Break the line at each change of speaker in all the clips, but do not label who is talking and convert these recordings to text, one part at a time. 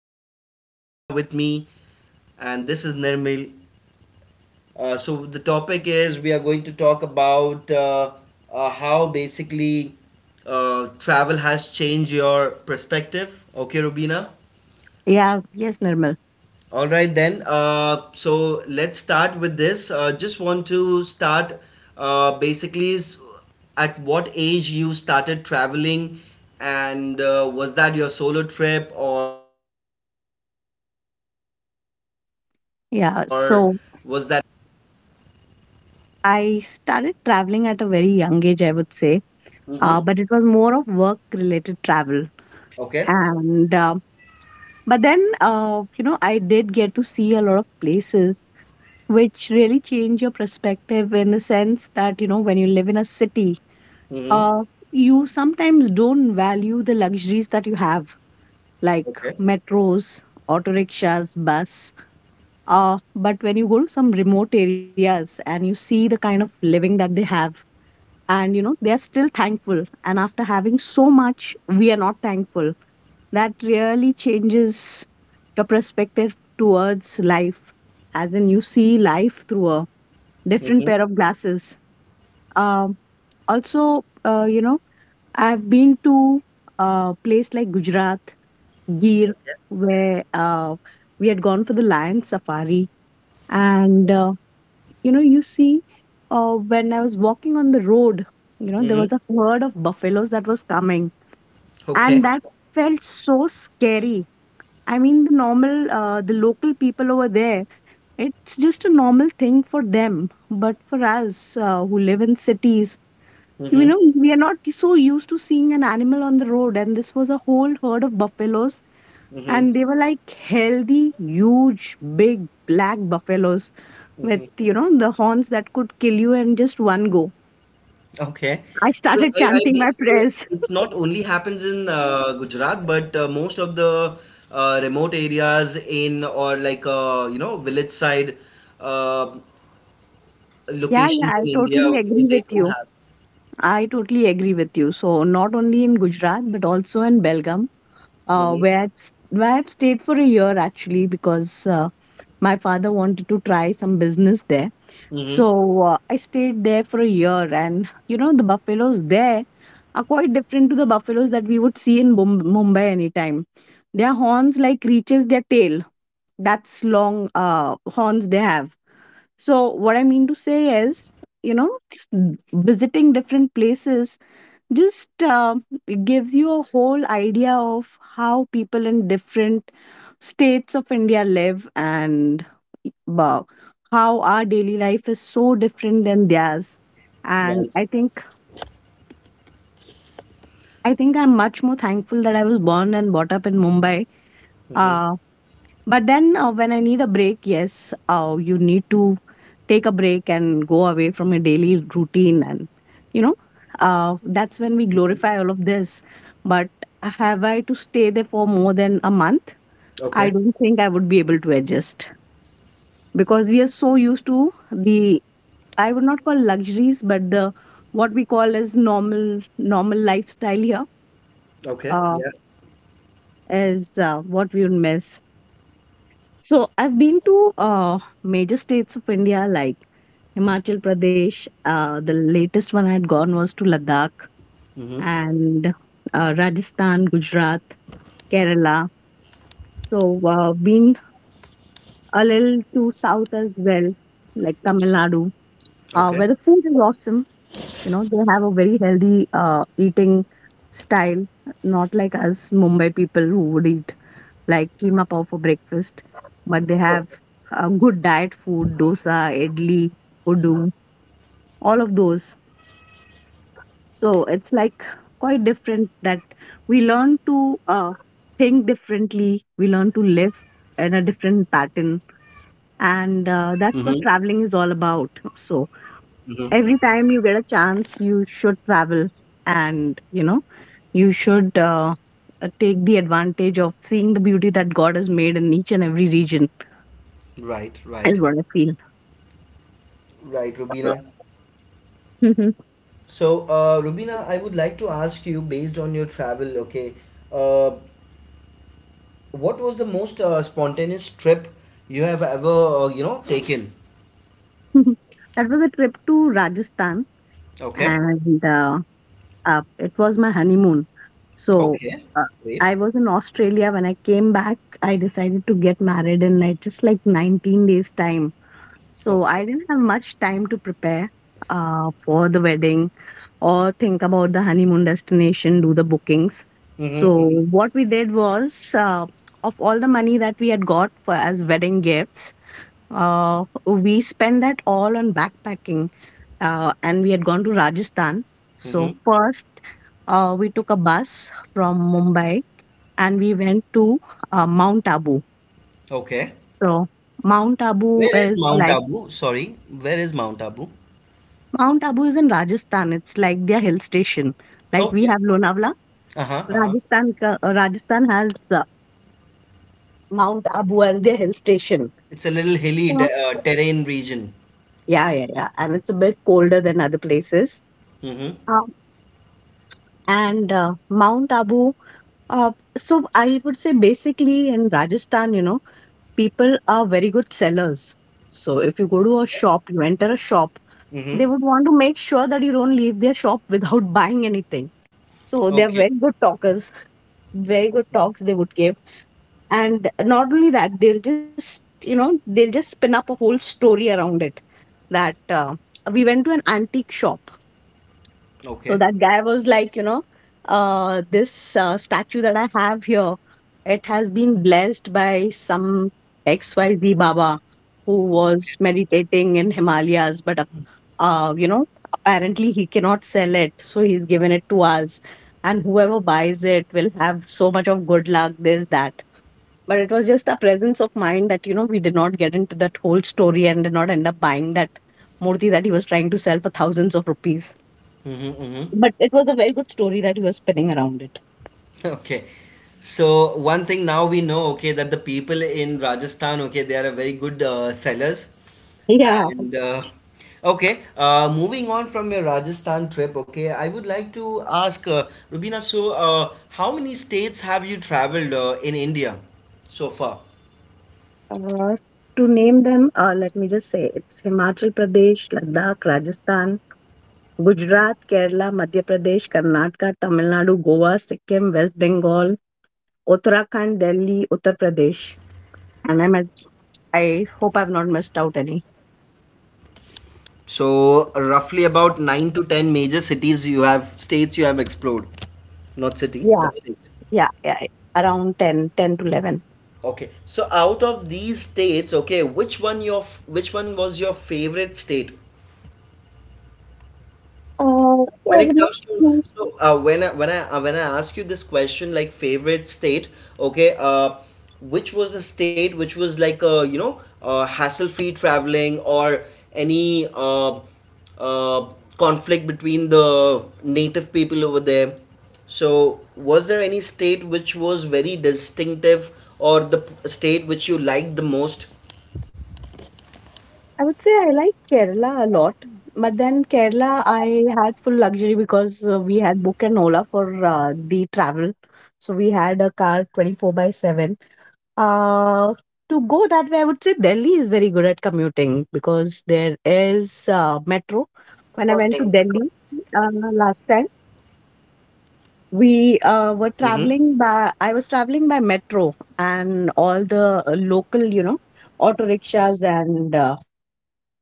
have Rubina with me, and this is Nirmal. So, the topic is we are going to talk about how basically travel has changed your perspective. Okay, Rubina?
Yeah, yes, Nirmal.
All right, then. So let's start with this. Just want to start uh, basically s- at what age you started traveling, and was that your solo trip or was that?
Yeah, so I started traveling at a very young age, I would say,
Mm-hmm.
but it was more of work-related travel.
Okay.
And but then, I did get to see a lot of places, which really change your perspective in the sense that when you live in a city,
Mm-hmm.
uh, you sometimes don't value the luxuries that you have, like
Okay.
metros, auto rickshaws, bus. But when you go to some remote areas and you see the kind of living that they have, and they are still thankful. And after having so much, we are not thankful. That really changes your perspective towards life, as in you see life through a different
Mm-hmm.
pair of glasses. Um, Also, I've been to a place like Gujarat, Gir,
Okay.
where we had gone for the lion safari. And you see, when I was walking on the road,
Mm-hmm.
there was a herd of buffaloes that was coming,
Okay.
and that felt so scary. I mean, the local people over there, it's just a normal thing for them, but for us, who live in cities, you
Mm-hmm.
know we are not so used to seeing an animal on the road, and this was a whole herd of buffaloes, and they were like healthy, huge, big, black buffaloes with,
Mm-hmm.
the horns that could kill you in just one go.
Okay.
I
So
started
I, I
chanting my
believe
prayers.
it's not only happens in Gujarat, but most of the remote areas in or like village side uh,
Yeah, yeah,
locations
I
in India.
totally
Okay,
agree
they
with
do
you.
have.
I totally agree with you. So not only in Gujarat but also in Belgium,
Mm-hmm.
where I've stayed for a year actually, because my father wanted to try some business there.
Mm-hmm.
So I stayed there for a year, and the buffaloes there are quite different to the buffaloes that we would see in Mumbai anytime. Their horns
Mm-hmm.
like reaches their tail. That's long horns they have. So, what I mean to say is, you know, s- visiting different places just gives you a whole idea of how people in different states of India live, and uh, how our daily life is so different than theirs. And
Right.
I think I'm much more thankful that I was born and brought up in Mumbai.
Mm-hmm.
Uh, But then, when I need a break, yes, you need to take a break and go away from your daily routine. And, you know, that's when we
Mm-hmm.
glorify all of this. But have I to stay there for more than a month? I
Okay.
don't think I would be able to adjust, because we are so used to the, I would not call luxuries, but the, what we call as normal lifestyle here,
Okay.
uh,
Yeah.
is what we would miss. So I've been to major states of India like Himachal Pradesh. The latest one I had gone was to Ladakh
Mm-hmm.
and Rajasthan, Gujarat, Kerala. So been a little to south as well, like Tamil Nadu, where the
Okay.
food is awesome. They have a very healthy eating style, not like us Mumbai people who would eat like keema pav for breakfast, but they have a good diet food: dosa, idli, udu, all of those. So it's like quite different, that we learn to uh, think differently, we learn to live in a different pattern, and
Mm-hmm.
that's what traveling is all about. So
Mm-hmm.
every time you get a chance you should travel, and you should take the advantage of seeing the beauty that God has made in each and every region,
Right.
is
Right.
what I feel.
Right,
So,
Rubina. So, Rubina, I would like to ask you, based on your travel, okay, uh, what was the most spontaneous trip you have ever, taken?
that was a trip to Rajasthan,
Okay.
and it was my honeymoon. So,
Okay.
uh,
Wait.
I was in Australia. When I came back, I decided to get married in like just like 19 days' time. So
Okay.
I didn't have much time to prepare for the wedding or think about the honeymoon destination, do the bookings. So
Mm-hmm.
what we did was, of all the money that we had got for as wedding gifts, we spent that all on backpacking, and we had gone to Rajasthan. So
Mm-hmm.
first, we took a bus from Mumbai and we went to Mount Abu.
Okay.
So Mount Abu
Where is
is
Mount
like,
Abu? Sorry. Where is Mount Abu?
Mount Abu is in Rajasthan. It's like their hill station. Like we
Okay.
have Lonavala,
Uh-huh. Uh-huh.
Rajasthan Rajasthan has Mount Abu as their hill station.
It's a little hilly
Yeah,
terrain region.
yeah, yeah. Yeah. And it's a bit colder than other places.
Mm-hmm.
Um, and Mount Abu. So I would say basically in Rajasthan, people are very good sellers. So if you go to a
Okay.
shop, you enter a shop, they
Mm-hmm.
would want to make sure that you don't leave their shop without buying anything. So they're
Okay.
very good talkers, very good
Okay.
talks they would give. And not only that, they'll just spin up a whole story around it that, we went to an antique shop.
Okay.
So that guy was like, this statue that I have here, it has been blessed by some XYZ Baba who was meditating in Himalayas, but uh, you know, apparently he cannot sell it, so he's given it to us. And whoever buys it will have so much of good luck, this, that. But it was just a presence of mind that, we did not get into that whole story and did not end up buying that murti that he was trying to sell for thousands of rupees.
Mm-hmm. Mm-hmm.
But it was a very good story that he was spinning around it.
Okay. So one thing now we know, okay, that the people in Rajasthan, okay, they are a very good sellers.
Yeah.
And okay, moving on from your Rajasthan trip, okay, I would like to ask Rubina, so how many states have you traveled in India so far?
Uh, to name them, let me just say it's Himachal Pradesh, Ladakh, Rajasthan, Gujarat, Kerala, Madhya Pradesh, Karnataka, Tamil Nadu, Goa,
Mm-hmm.
Sikkim, West Bengal, Uttarakhand, Delhi, Uttar Pradesh. And I hope I've not missed out any.
So roughly about nine to ten major cities you have, states you have explored. Not city,
Yeah,
but states.
yeah, yeah. Around 10 to 11.
Okay. So out of these states, okay, which one was your favorite state?
Yeah,
When it comes to,
to,
so, when I ask you this question like favorite state, okay, which was the state which was like hassle-free traveling or any uh, conflict between the native people over there? So, was there any state which was very distinctive or state which you liked the most?
I would say I like Kerala a lot. But then Kerala, I had full luxury because we had booked an Ola for the travel. So we
Okay.
had a car 24/7. Uh, to go that way, I would say Delhi is very good at commuting because there is metro. When I went to
Voting.
Delhi last time, we were
Mm-hmm.
traveling by, I was traveling by metro and all the local, auto rickshaws and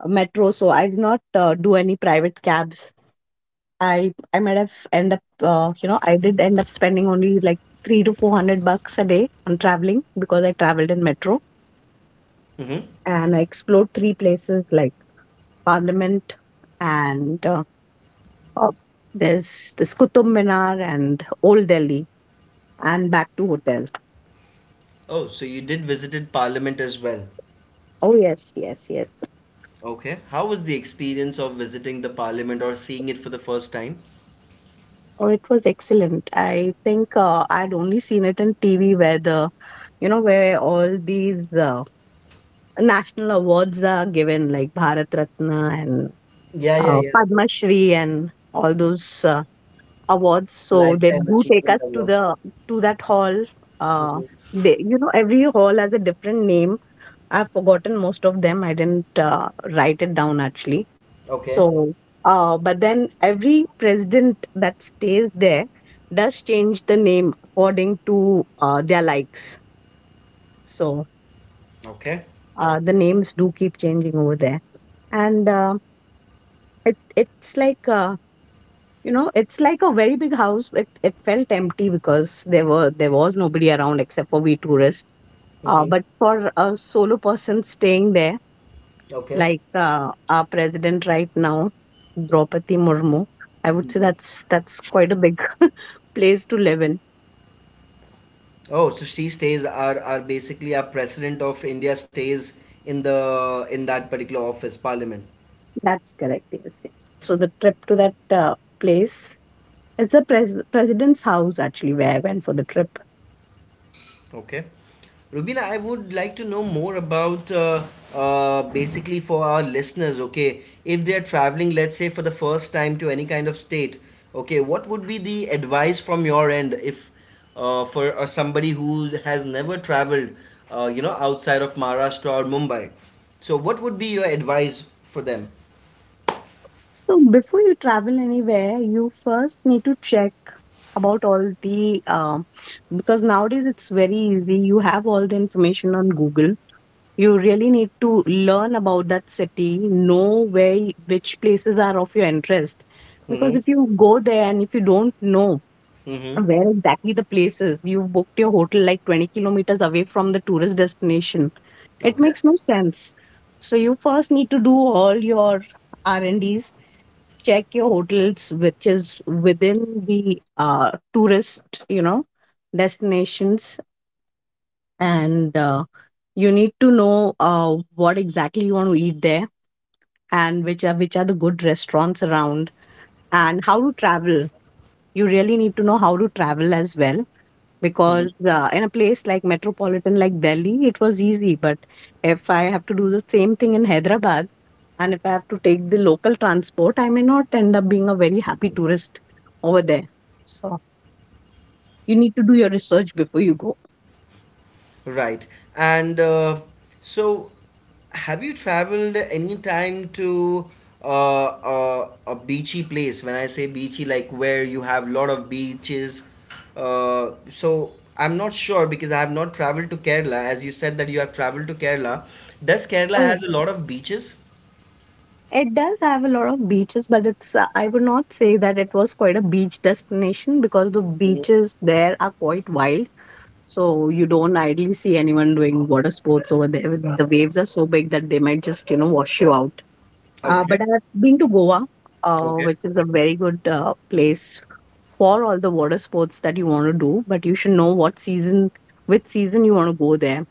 metro. So I did not do any private cabs. I might have end up, you know, I did end up spending only like three to four hundred bucks a day on traveling, because I traveled in metro
Mm-hmm.
and I explored three places like Parliament, and uh, there's this Qutub Minar, and Old Delhi, and back to hotel.
Oh, so you did visited Parliament as well.
Oh yes, yes, yes.
Okay. How was the experience of visiting the Parliament or seeing it for the first time?
Oh, it was excellent. I think I'd only seen it in TV where all these national awards are given like Bharat Ratna and
Yeah, yeah, yeah.
Padma Shri and all those awards, so they
Lifetime
do take
Achievement
us
Awards.
to that hall, uh
Hmm.
they, every hall has a different name. I've forgotten most of them. I didn't write it down, actually.
Okay.
So but then every president that stays there does change the name according to their likes. So
Okay.
the names do keep changing over there, and it, it's like you know it's like a very big house. It felt empty because there was nobody around except for we tourists.
Hmm.
But for a solo person staying there,
Okay.
like, our president right now, Draupadi Murmu, I would say
Hmm.
that's quite a big place to live in.
Oh, so she stays, are basically our president of India stays in the in that particular office, Parliament.
That's correct, yes, yes. So the trip to that place, it's the president's house actually, where I went for the trip.
Okay. Rubina, I would like to know more about basically for our listeners, okay, if they are traveling, let's say for the first time to any kind of state, okay, what would be the advice from your end if, for somebody who has never traveled, outside of Maharashtra or Mumbai? So, what would be your advice for them?
So before you travel anywhere, you first need to check about all the because nowadays it's very easy. You have all the information on Google. You really need to learn about that city, know which places are of your interest. Because
Mm-hmm.
if you go there and if you don't know
Mm-hmm.
where exactly the place is, you booked your hotel like 20 kilometers away from the tourist destination. It
Okay.
makes no sense. So you first need to do all your R&Ds, check your hotels which is within the tourist, destinations, and you need to know what exactly you want to eat there, and which are the good restaurants around, and how to travel. You really need to know how to travel as well,
Mm-hmm.
because in a place like metropolitan like Delhi, it was easy. But if I have to do the same thing in Hyderabad, and if I have to take the local transport, I may not end up being a very happy tourist over there. So you need to do your research before you go.
Right. And so, have you traveled any time to a beachy place? When I say beachy, like where you have lot of beaches. So, I'm not sure because I have not traveled to Kerala. As you said that you have traveled to Kerala. Does Kerala has a lot of beaches?
It does have a lot of beaches, but it's I would not say that it was quite a beach destination because the
Mm.
beaches there are quite wild. So you don't idly see anyone doing water sports over there. The waves are so big that they might just wash you out. Uh,
Okay.
but I've been to Goa,
Okay.
which is a very good place for all the water sports that you want to do, but you should know which season you want to go there.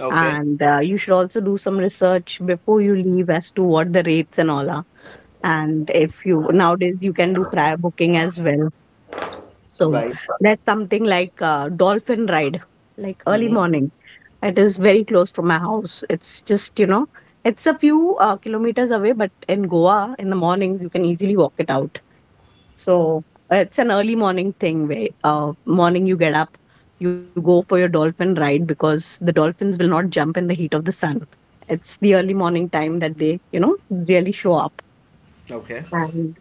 Okay.
And You should also do some research before you leave as to what the rates and all are, and if you nowadays you can do prior booking as well. So
Right.
there's something like dolphin ride, like early
Mm-hmm.
morning. It is very close to my house. It's just it's a few kilometers away, but in Goa, in the mornings, you can easily walk it out. So it's an early morning thing where morning you get up, you go for your dolphin ride because the dolphins will not jump in the heat of the sun. It's the early morning time that they really show up.
Okay.
and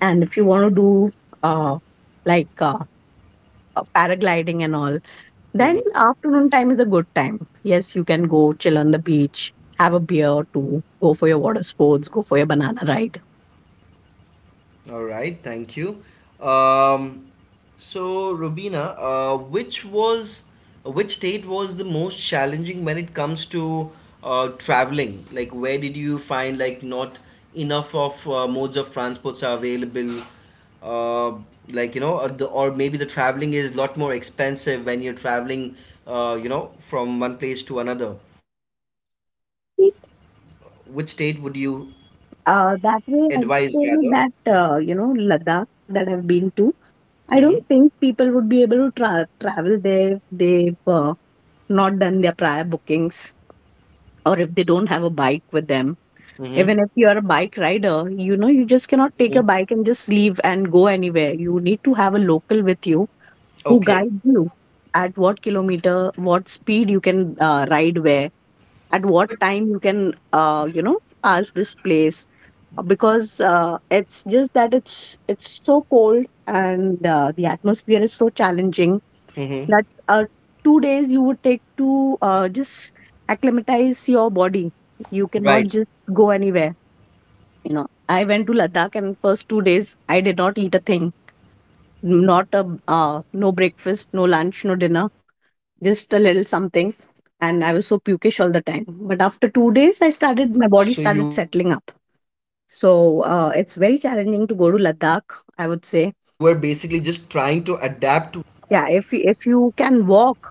and if you want to do uh, like uh, paragliding and all, then
Mm-hmm.
afternoon time is a good time. Yes, you can go chill on the beach, have a beer or two, go for your water sports, go for your banana ride.
All right, thank you. Um, so, Rubina, which state was the most challenging when it comes to traveling? Like, where did you find like not enough of modes of transports are available? Uh, like you know, or maybe the traveling is a lot more expensive when you're traveling, from one place to another. Which
It,
state would you
that way,
advise
I
rather?
feel that Ladakh that I've been to, I
Mm-hmm.
don't think people would be able to travel there if they've not done their prior bookings, or if they don't have a bike with them.
Mm-hmm.
Even if you're a bike rider, you know, you just cannot take
Mm-hmm.
your bike and just leave and go anywhere. You need to have a local with you who
Okay.
guides you at what kilometer, what speed you can ride where, at what time you can, pass this place. Because it's just that it's so cold, and the atmosphere is so challenging
Mm-hmm.
that 2 days you would take to just acclimatize your body. You cannot
Right.
just go anywhere. You know i went to Ladakh, and first 2 days I did not eat a thing. Not a uh, no breakfast, no lunch, no dinner.
So
Just a
you were
little
basically
something.
just trying
And
to
I was so
adapt.
pukish all the time. But after 2 days I started, my body started settling up. So it's very challenging to go to Ladakh, I would say. Yeah, if you can
Okay.
walk,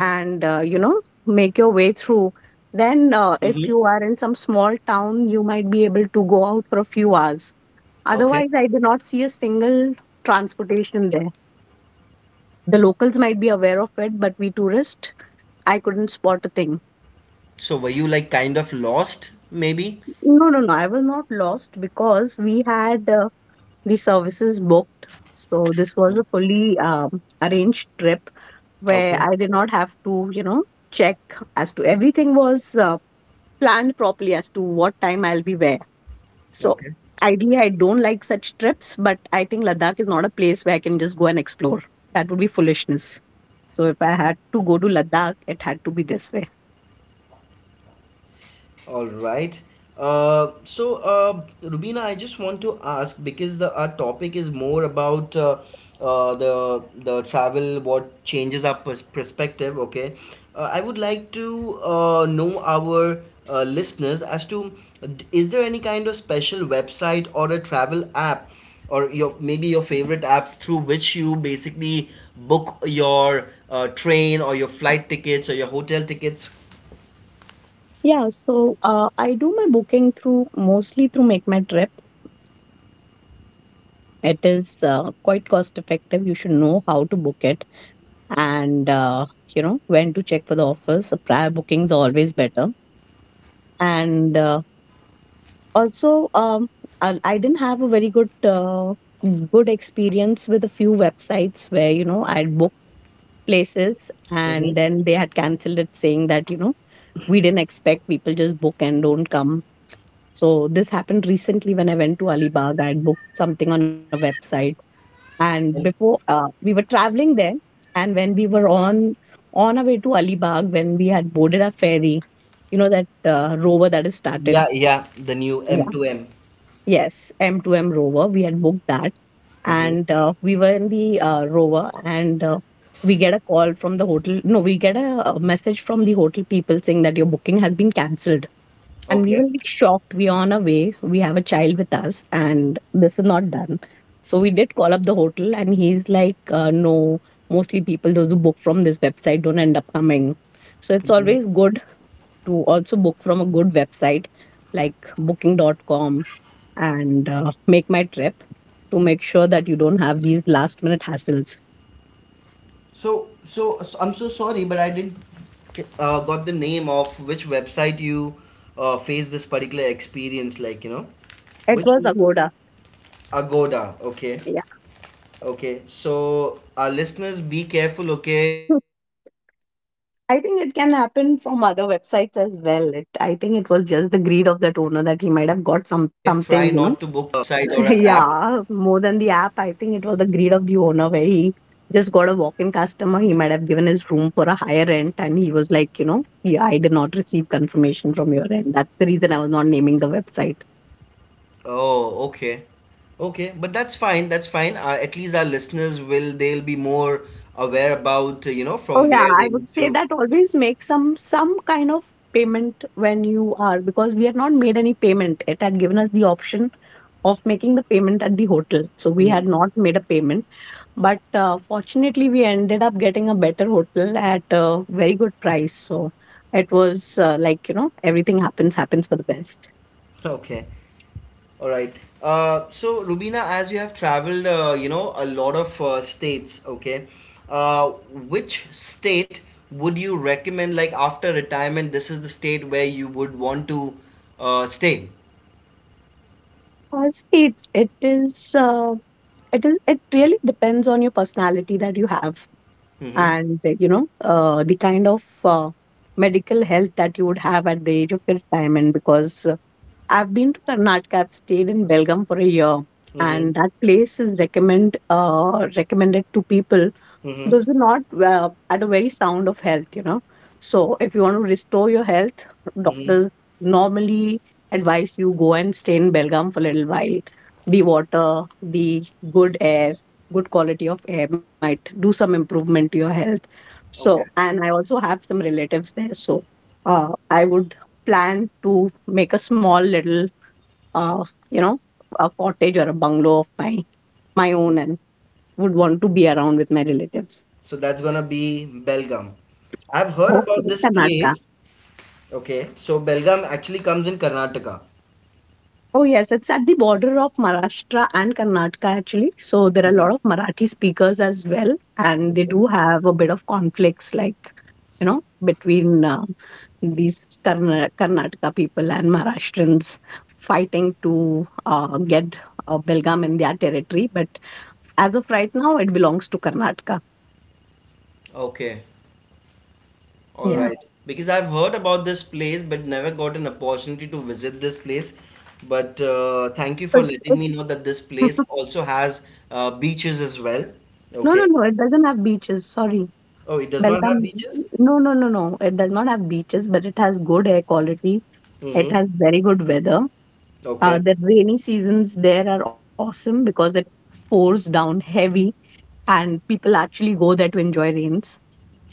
and make your way through, then if
Mm-hmm.
you are in some small town, you might be able to go out for a few hours.
Okay.
Otherwise, I do not see a single transportation there. The locals might be aware of it, but we tourists, I couldn't spot a thing.
So were you like kind of lost, maybe?
No, no, no. I was not lost because we had the services booked. So this was a
Mhm.
fully arranged trip where
Okay.
I did not have to, you know, check as to everything was planned properly as to what time I'll be where. So
Okay.
ideally, I don't like such trips, but I think Ladakh is not a place where I can just go and explore. That would be foolishness. So if I had to go to Ladakh, it had to be this way.
All right. So, Rubina, I just want to ask because the our topic is more about the travel, what changes our perspective. Okay, I would like to know our listeners as to is there any kind of special website or a travel app or your maybe your favorite app through which you basically book your train or your flight tickets or your hotel tickets.
Yeah, so I do my booking through, mostly through Make My Trip. It is quite cost effective. You should know how to book it, and when to check for the offers. So prior bookings are always better. And also, I didn't have a very good experience with a few websites where you know I would booked places and
Mhm.
then they had cancelled it, saying that you know we didn't expect people just book and don't come. So this happened recently when I went to Alibag. I had booked something on a website, and before we were traveling there, and when we were on our way to Alibag, when we had boarded our ferry, you know that rover that is started.
Yeah, yeah, the new
Yeah.
M2M.
Yes, M2M rover. We had booked that,
Mm-hmm.
and we were in the rover, and we get a call from the hotel. No, we get a message from the hotel people saying that your booking has been cancelled, and we were
Okay.
like shocked. We are on our way, we have a child with us, and this is not done. So we did call up the hotel, and he's like no, mostly people those who book from this website don't end up coming. So it's
Mhm.
always good to also book from a good website like Booking.com, and make my trip, to make sure that you don't have these last minute hassles.
So, I'm so sorry, but I didn't got the name of which website you faced this particular experience, like, you know,
It
which
was
was
Agoda.
Agoda. Okay,
Yeah.
okay. So, our listeners, be careful, okay? Try not to book
I think it can happen from other websites as well. I think it was just the greed of that owner that he might have got some
site
something,
or
you
an
know.
app.
Yeah, more than the app. I think it was the greed of the owner where he just got a walk-in customer. He might have given his room for a higher rent, and he was like, you know, yeah, I did not receive confirmation from your end. That's the reason I was not naming the website.
Oh, okay. Okay, but that's fine. That's fine. At least our listeners will they'll be more aware about
Oh
from
yeah,
where they
I would
need
say
to.
that always make some kind of payment when you are, because we had not made any payment. It had given us the option of making the payment at the hotel, so we
Hmm.
had not made a payment. But fortunately, we ended up getting a better hotel at a very good price. So it was everything happens for the best.
Okay. All right. So, Rubina, as you have traveled, a lot of states, okay, uh, which state would you recommend, like, after retirement, this is the state where you would want to stay?
See, it, it is it is it really depends on your personality that you have.
Mm-hmm.
And you know The kind of medical health that you would have at the age of your retirement, because I've been to Karnataka. I've stayed in Belgaum for a year,
Mm-hmm.
and that place is recommended to people
Mm-hmm.
those are not at a very sound of health, you know. So if you want to restore your health,
Mm-hmm.
doctors normally advise you go and stay in Belgium for a little while. The water the Good air, good quality of air might do some improvement to your health. So,
Okay.
and I also have some relatives there. So I would plan to make a small little uh, you know a cottage or a bungalow of my own, and would want to be around with my relatives.
So, that's gonna be Belgaum. I've heard about
Okay,
this
Karnataka.
place. Okay. So, Belgaum actually comes in Karnataka.
Oh yes, it's at the border of Maharashtra and Karnataka actually. So there are a lot of Marathi speakers as well, and they do have a bit of conflicts, like you know, between these Karnataka people and Maharashtrians fighting to get Belgaum in their territory. But as of right now, it belongs to Karnataka.
Okay. All
Yeah,
right, because I've heard about this place but never got an opportunity to visit this place. But thank you for
it's
letting me know
it's.
that this place also has beaches as well.
No, no,
Okay.
no. It doesn't have beaches. Sorry.
Oh, it does not have
Belgaum,
beaches?
no, no, no, no. It does not have beaches, but it has good air quality. It
Mm-hmm.
has very good weather.
Okay.
The rainy seasons there are awesome because it pours down heavy, and people actually go there to enjoy rains.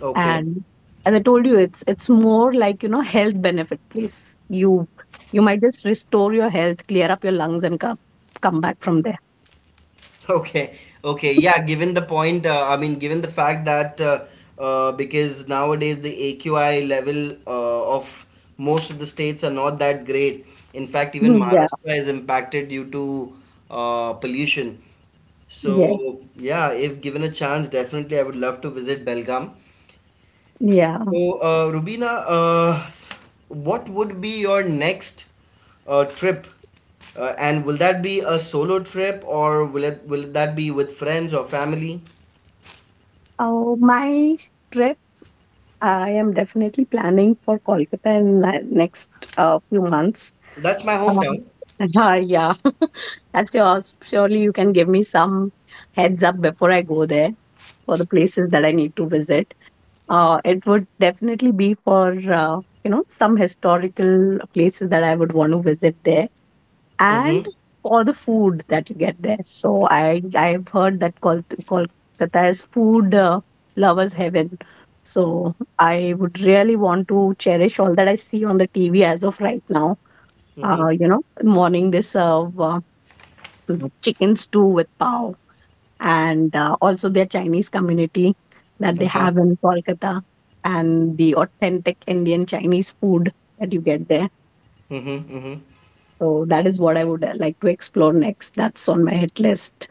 Okay.
And as I told you, it's more like you know health benefit place. You might just restore your health, clear up your lungs, and come back from there.
Okay, okay, yeah. Given the point, I mean, given the fact that because nowadays the AQI level of most of the states are not that great. In fact, even
Mhm. Yeah,
Maharashtra is impacted due to pollution.
yeah,
So, yeah, if given a chance, definitely I would love to visit Belgaum.
yeah.
So, Rubina, what would be your next trip? And will that be a solo trip or will that be with friends or family?
Oh, my trip. I am definitely planning for Kolkata in the next few months.
That's my
Um,
hometown.
yeah, that's yours. Surely you can give me some heads up before I go there for the places that I need to visit. It would definitely be for some historical places that I would want to visit there, and
Mm-hmm.
for the food that you get there. So I've heard that Kolkata is food lovers heaven. So I would really want to cherish all that I see on the TV as of right now.
Mm-hmm.
Morning they serve chicken stew with pav, and also their Chinese community that they
Uh-huh.
have in Kolkata, and the authentic Indian Chinese food that you get there.
Mm-hmm. Mm-hmm.
So that is what I would like to explore next. That's on my hit list.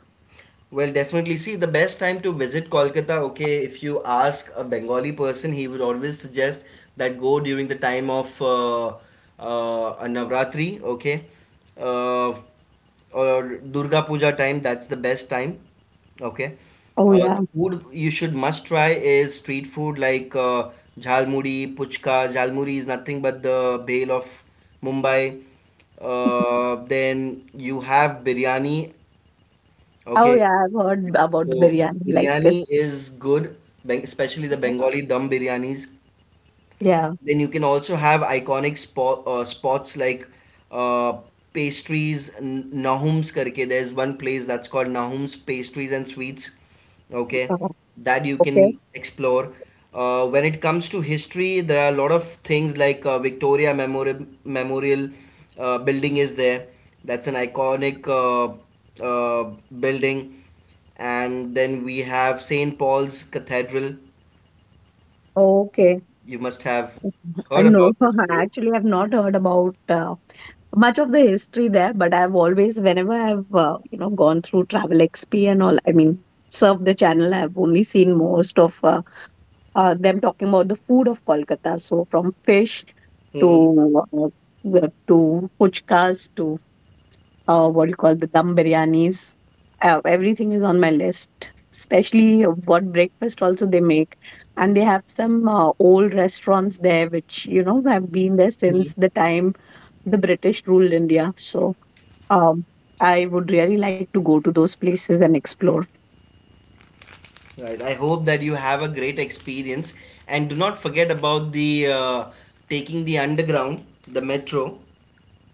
Well, definitely. See, the best time to visit Kolkata, okay, if you ask a Bengali person, he would always suggest that go during the time of Navratri, okay, uh, or Durga Puja time, that's the best time, okay.
Oh yeah.
The food you should must try is street food like jhalmuri, puchka. Jhalmuri is nothing but the bale of Mumbai. Then you have biryani.
Oh
Okay.
yeah, I've heard
Yeah.
about the
So the
biryani. Like it's
biryani is good, especially the Bengali dum biryanis.
yeah.
Then you can also have iconic spots like uh, pastries, Nahum's karke. There's one place that's called Nahum's Pastries and Sweets. Okay,
Uh,
that you
okay.
can explore. When it comes to history, there are a lot of things like Victoria Memorial Building is there. That's an iconic uh, building. And then we have St. Paul's Cathedral.
Okay.
You must have
Uh,
heard
No,
about this place.
actually, I've not heard about much of the history there, but I've always, whenever I've gone through Travel XP and all, I mean, surfed the channel, I've only seen most of them talking about the food of Kolkata. So from fish to uh, to fuchkas to what do you call the dum biryanis. Everything is on my list, especially what breakfast also they make. And they have some old restaurants there, which, you know, have been there since
Mhm.
the time the British ruled India. So um, I would really like to go to those places and explore.
Right. I hope that you have a great experience and do not forget about the taking the underground, the metro.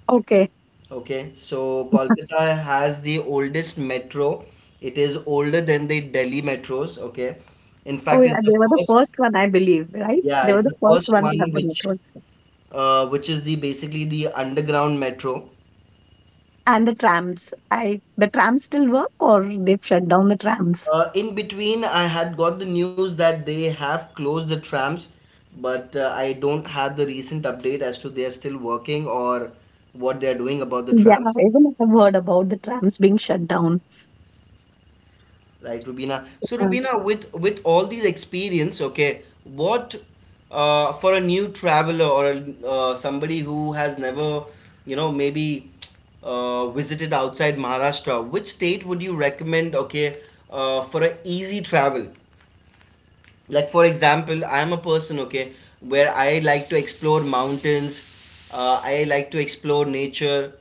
Okay.
Okay. So Kolkata has the oldest metro. It is older than the Delhi metros. Okay. In
Oh,
fact,
yeah.
it's the
They were the
first.
first one, I believe, right?
Yeah,
They were
it's
the
the
first
first
one to
one
have the
which,
metro.
uh, which is the basically the underground metro.
And the trams. I the trams still work, or they've shut down the trams?
In between, I had got the news that they have closed the trams, but I don't have the recent update as to they are still working or what they are doing about the
Yeah,
trams,
even I have heard about the trams being shut down.
right, Rubina? So,
Yeah.
Rubina, with all these experience, okay, what for a new traveler or somebody who has never, you know, maybe visited outside Maharashtra, which state would you recommend, okay, for an easy travel? Like, for example, I'm a person, okay, where I like to explore mountains, I like to explore nature,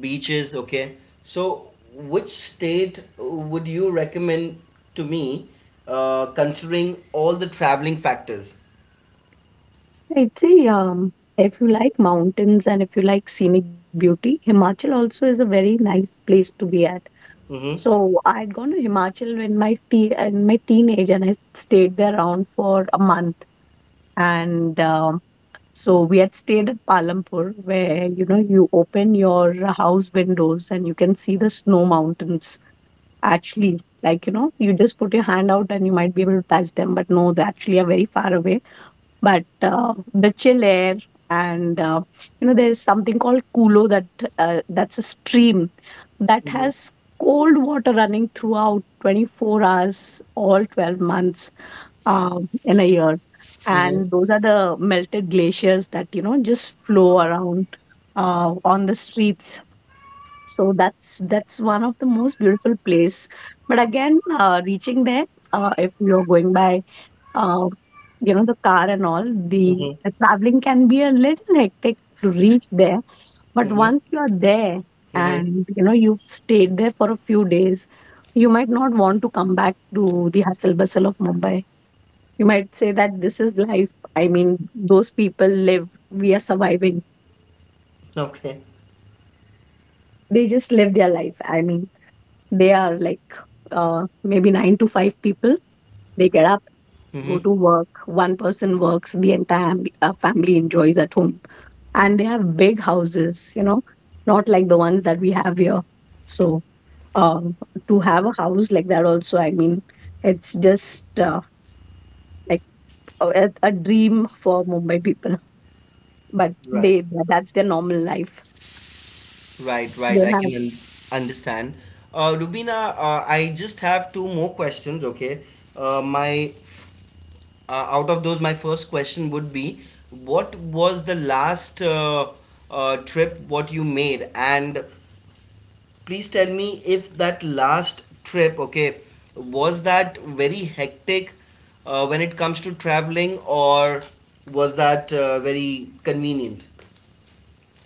beaches, okay, so which state would you recommend to me, considering all the traveling factors.
I'd say if you like mountains and if you like scenic beauty, Himachal also is a very nice place to be at.
Mm-hmm.
So I had gone to Himachal when my te in my teenage, and I stayed there around for a month. And so we had stayed at Palampur, where, you know, you open your house windows and you can see the snow mountains. Actually, like, you know, you just put your hand out and you might be able to touch them, but no, they actually are very far away, but the chill air, and you know, there's something called kulo, that's a stream that
Mm-hmm.
has cold water running throughout 24 hours, all 12 months in a year.
Mm-hmm.
And those are the melted glaciers that, you know, just flow around on the streets. So that's one of the most beautiful place. But again, reaching there, if you're going by, uh, you know, the car and all, the,
Mm-hmm.
the traveling can be a little hectic to reach there. But
Mm-hmm.
once you're there,
Mm-hmm.
and, you know, you've stayed there for a few days, you might not want to come back to the hustle bustle of Mumbai. You might say that this is life. I mean, those people live. We are surviving.
Okay.
They just live their life. I mean, they are like maybe nine to five people. They get up, go
Mm-hmm.
to work. One person works, the entire family enjoys at home. And they have big houses, you know, not like the ones that we have here. So um, to have a house like that, also, I mean, it's just like a dream for Mumbai people. But
Right,
they that's their normal life.
right,
They
right, I
have.
can understand. Rubina, I just have two more questions, okay? My Out of those, my first question would be what was the last trip what you made? And please tell me if that last trip, okay, was that very hectic when it comes to traveling or was that very convenient?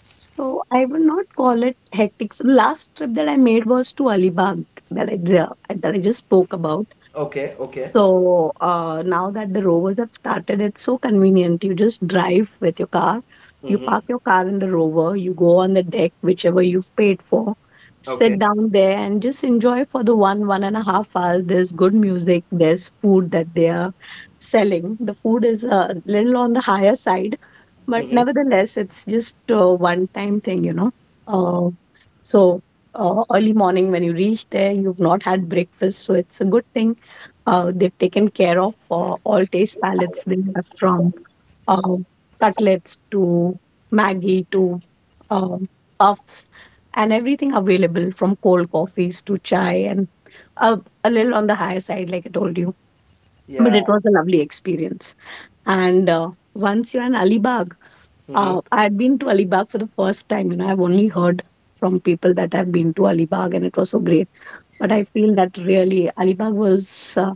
So I would not call it hectic. So last trip that I made was to Alibag, that I just spoke about.
Okay, okay.
So, now that the rovers have started, it's so convenient. You just drive with your car, you
Mm-hmm.
park your car in the rover, you go on the deck, whichever you've paid for,
Okay.
sit down there and just enjoy for the one, one and a half hours. There's good music, there's food that they are selling. The food is a little on the higher side, but
Mm-hmm.
nevertheless, it's just a one time thing, you know. Uh, so, Early morning when you reach there, you've not had breakfast, so it's a good thing they've taken care of all taste palettes. They have from um cutlets to Maggie to uh puffs and everything available, from cold coffees to chai, and uh, a little on the higher side, like I told you. But
Yeah.
it was a lovely experience. And once you're in Alibag,
Mm-hmm.
I had been to Alibag for the first time. You know, I've only heard from people that have been to Alibag, and it was so great. But I feel that really Alibag was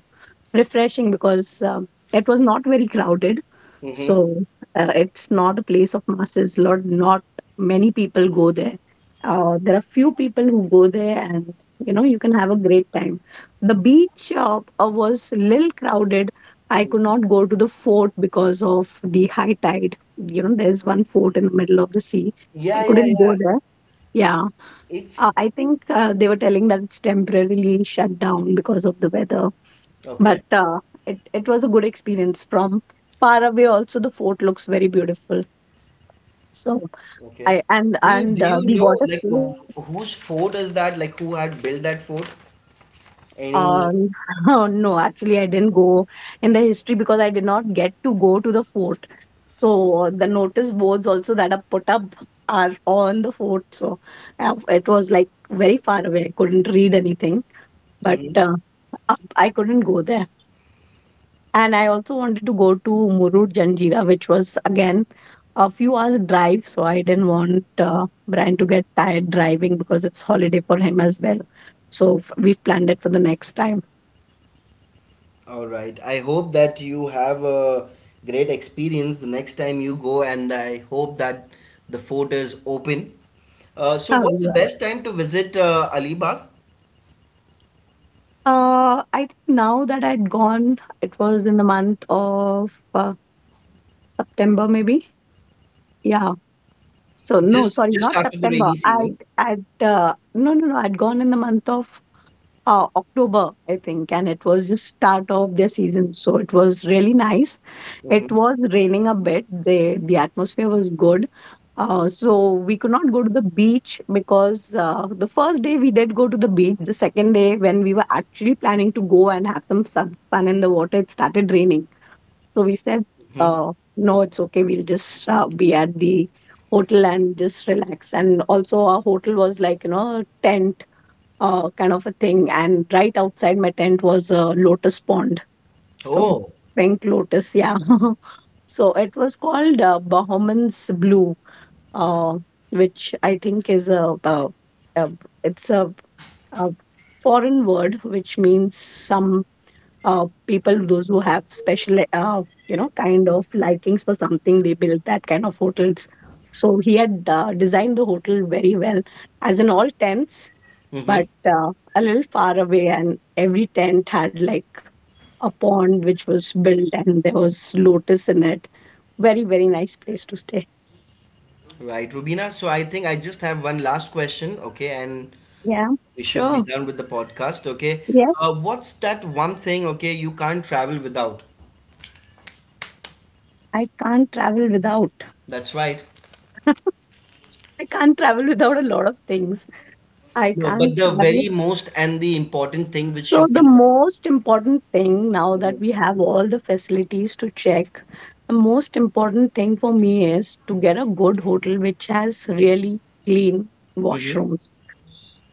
refreshing because it was not very crowded.
Mm-hmm.
So it's not a place of masses. Lot not many people go there. There are few people who go there, and, you know, you can have a great time. The beach was little crowded. I could not go to the fort because of the high tide. You know, there's one fort in the middle of the sea. I
Yeah, yeah,
couldn't go
yeah.
there. Yeah,
It's
I think they were telling that it's temporarily shut down because of the weather, but
okay.
it was a good experience. From far away, also the fort looks very beautiful. So
Okay.
I
Do you
and
do you
the
know
water
like
sport.
whose fort is that? Like who had built that fort? Any?
Um, oh, no, actually, I didn't go in the history because I did not get to go to the fort. So the notice boards also that are put up are on the fort. So it was like very far away. I couldn't read anything. But
Mhm.
I couldn't go there. And I also wanted to go to Murud Janjira, which was again a few hours drive. So I didn't want Brian to get tired driving because it's holiday for him as well. So we've planned it for the next time.
All right. I hope that you have a great experience the next time you go, and I hope that the fort is open. So,
Oh
what's the
yeah.
best time to visit Alibag?
I think now that I'd gone, it was in the month of September, maybe. Yeah. So no,
Just
sorry,
just
not
after the
September.
rainy season.
I'd No, no, no. I'd gone in the month of October, I think, and it was just start of their season, so it was really nice.
Hmm.
It was raining a bit. The atmosphere was good, so we could not go to the beach because the first day we did go to the beach. The second day, when we were actually planning to go and have some fun in the water, it started raining. So we said,
Hmm.
"No, it's okay. We'll just be at the." Hotel, and just relax. And also our hotel was like, you know, tent kind of a thing. And right outside my tent was a lotus pond. So
Oh.
pink lotus, yeah. So it was called Bahman's Blue, uh, which I think is uh, it's a foreign word which means some people, those who have special, you know, kind of likings for something, they build that kind of hotels. So he had designed the hotel very well, as in all tents,
Hmm.
but a little far away, and every tent had like a pond which was built and there was lotus in it. Very, very nice place to stay.
Right, Rubina. So I think I just have one last question, okay? And
Yeah,
we should be
sure,
done with the podcast. Okay.
yeah.
What's that one thing? Okay, you can't travel without.
i can't travel without
That's right.
i can't travel without a lot of things. I
No,
can't
but the
travel.
very most and the important thing which
So
you
the
cannot.
most important thing, now that
Mhm.
we have all the facilities to check, the most important thing for me is to get a good hotel which has really clean
Mhm.
washrooms.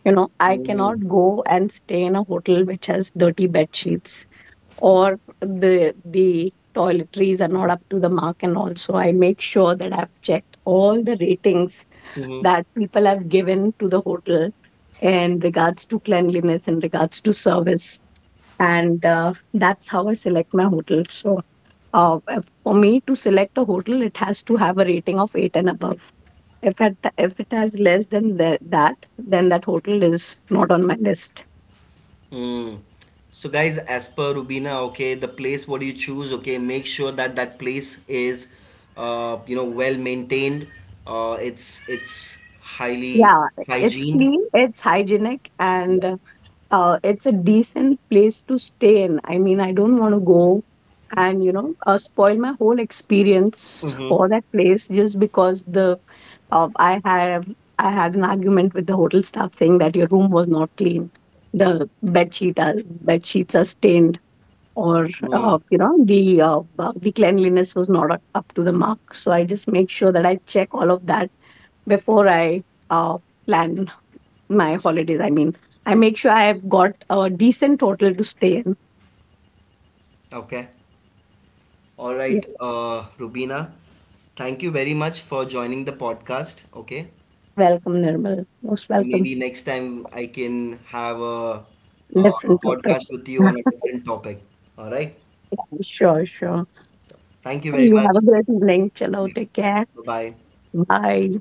You know, I
Mhm.
cannot go and stay in a hotel which has dirty bed sheets or the toiletries are not up to the mark. And also, I make sure that I've checked all the ratings that people have given to the hotel, in regards to cleanliness, in regards to service, and that's how I select my hotel. So for me to select a hotel, it has to have a rating of 8 and above. If it has less than the, that then that hotel is not on my list.
Mm. So, guys, as per Rubina, okay, the place what you choose, okay, make sure that that place is, well maintained. Uh, it's it's highly
Yeah, it's
hygiened.
clean, it's hygienic, and it's a decent place to stay in. I mean, I don't want to go and, you know, spoil my whole experience
Mm-hmm.
for that place just because the uh, I have I had an argument with the hotel staff saying that your room was not clean, the bed sheet are, bed sheets are stained, or
Mm.
the cleanliness was not up to the mark. So I just make sure that I check all of that before I uh, plan my holidays, I mean. I make sure I have got a decent hotel to stay in.
Okay. All
Yeah.
right, Rubina, thank you very much for joining the podcast. Okay,
Welcome, Nirmal. Most welcome.
maybe next time I can have a, a
Different topic.
podcast with you on a different topic. All right,
Yeah, sure, sure.
thank you
You
very
have a
much.
great evening. Chalo,
Bye
take care.
bye.
Bye.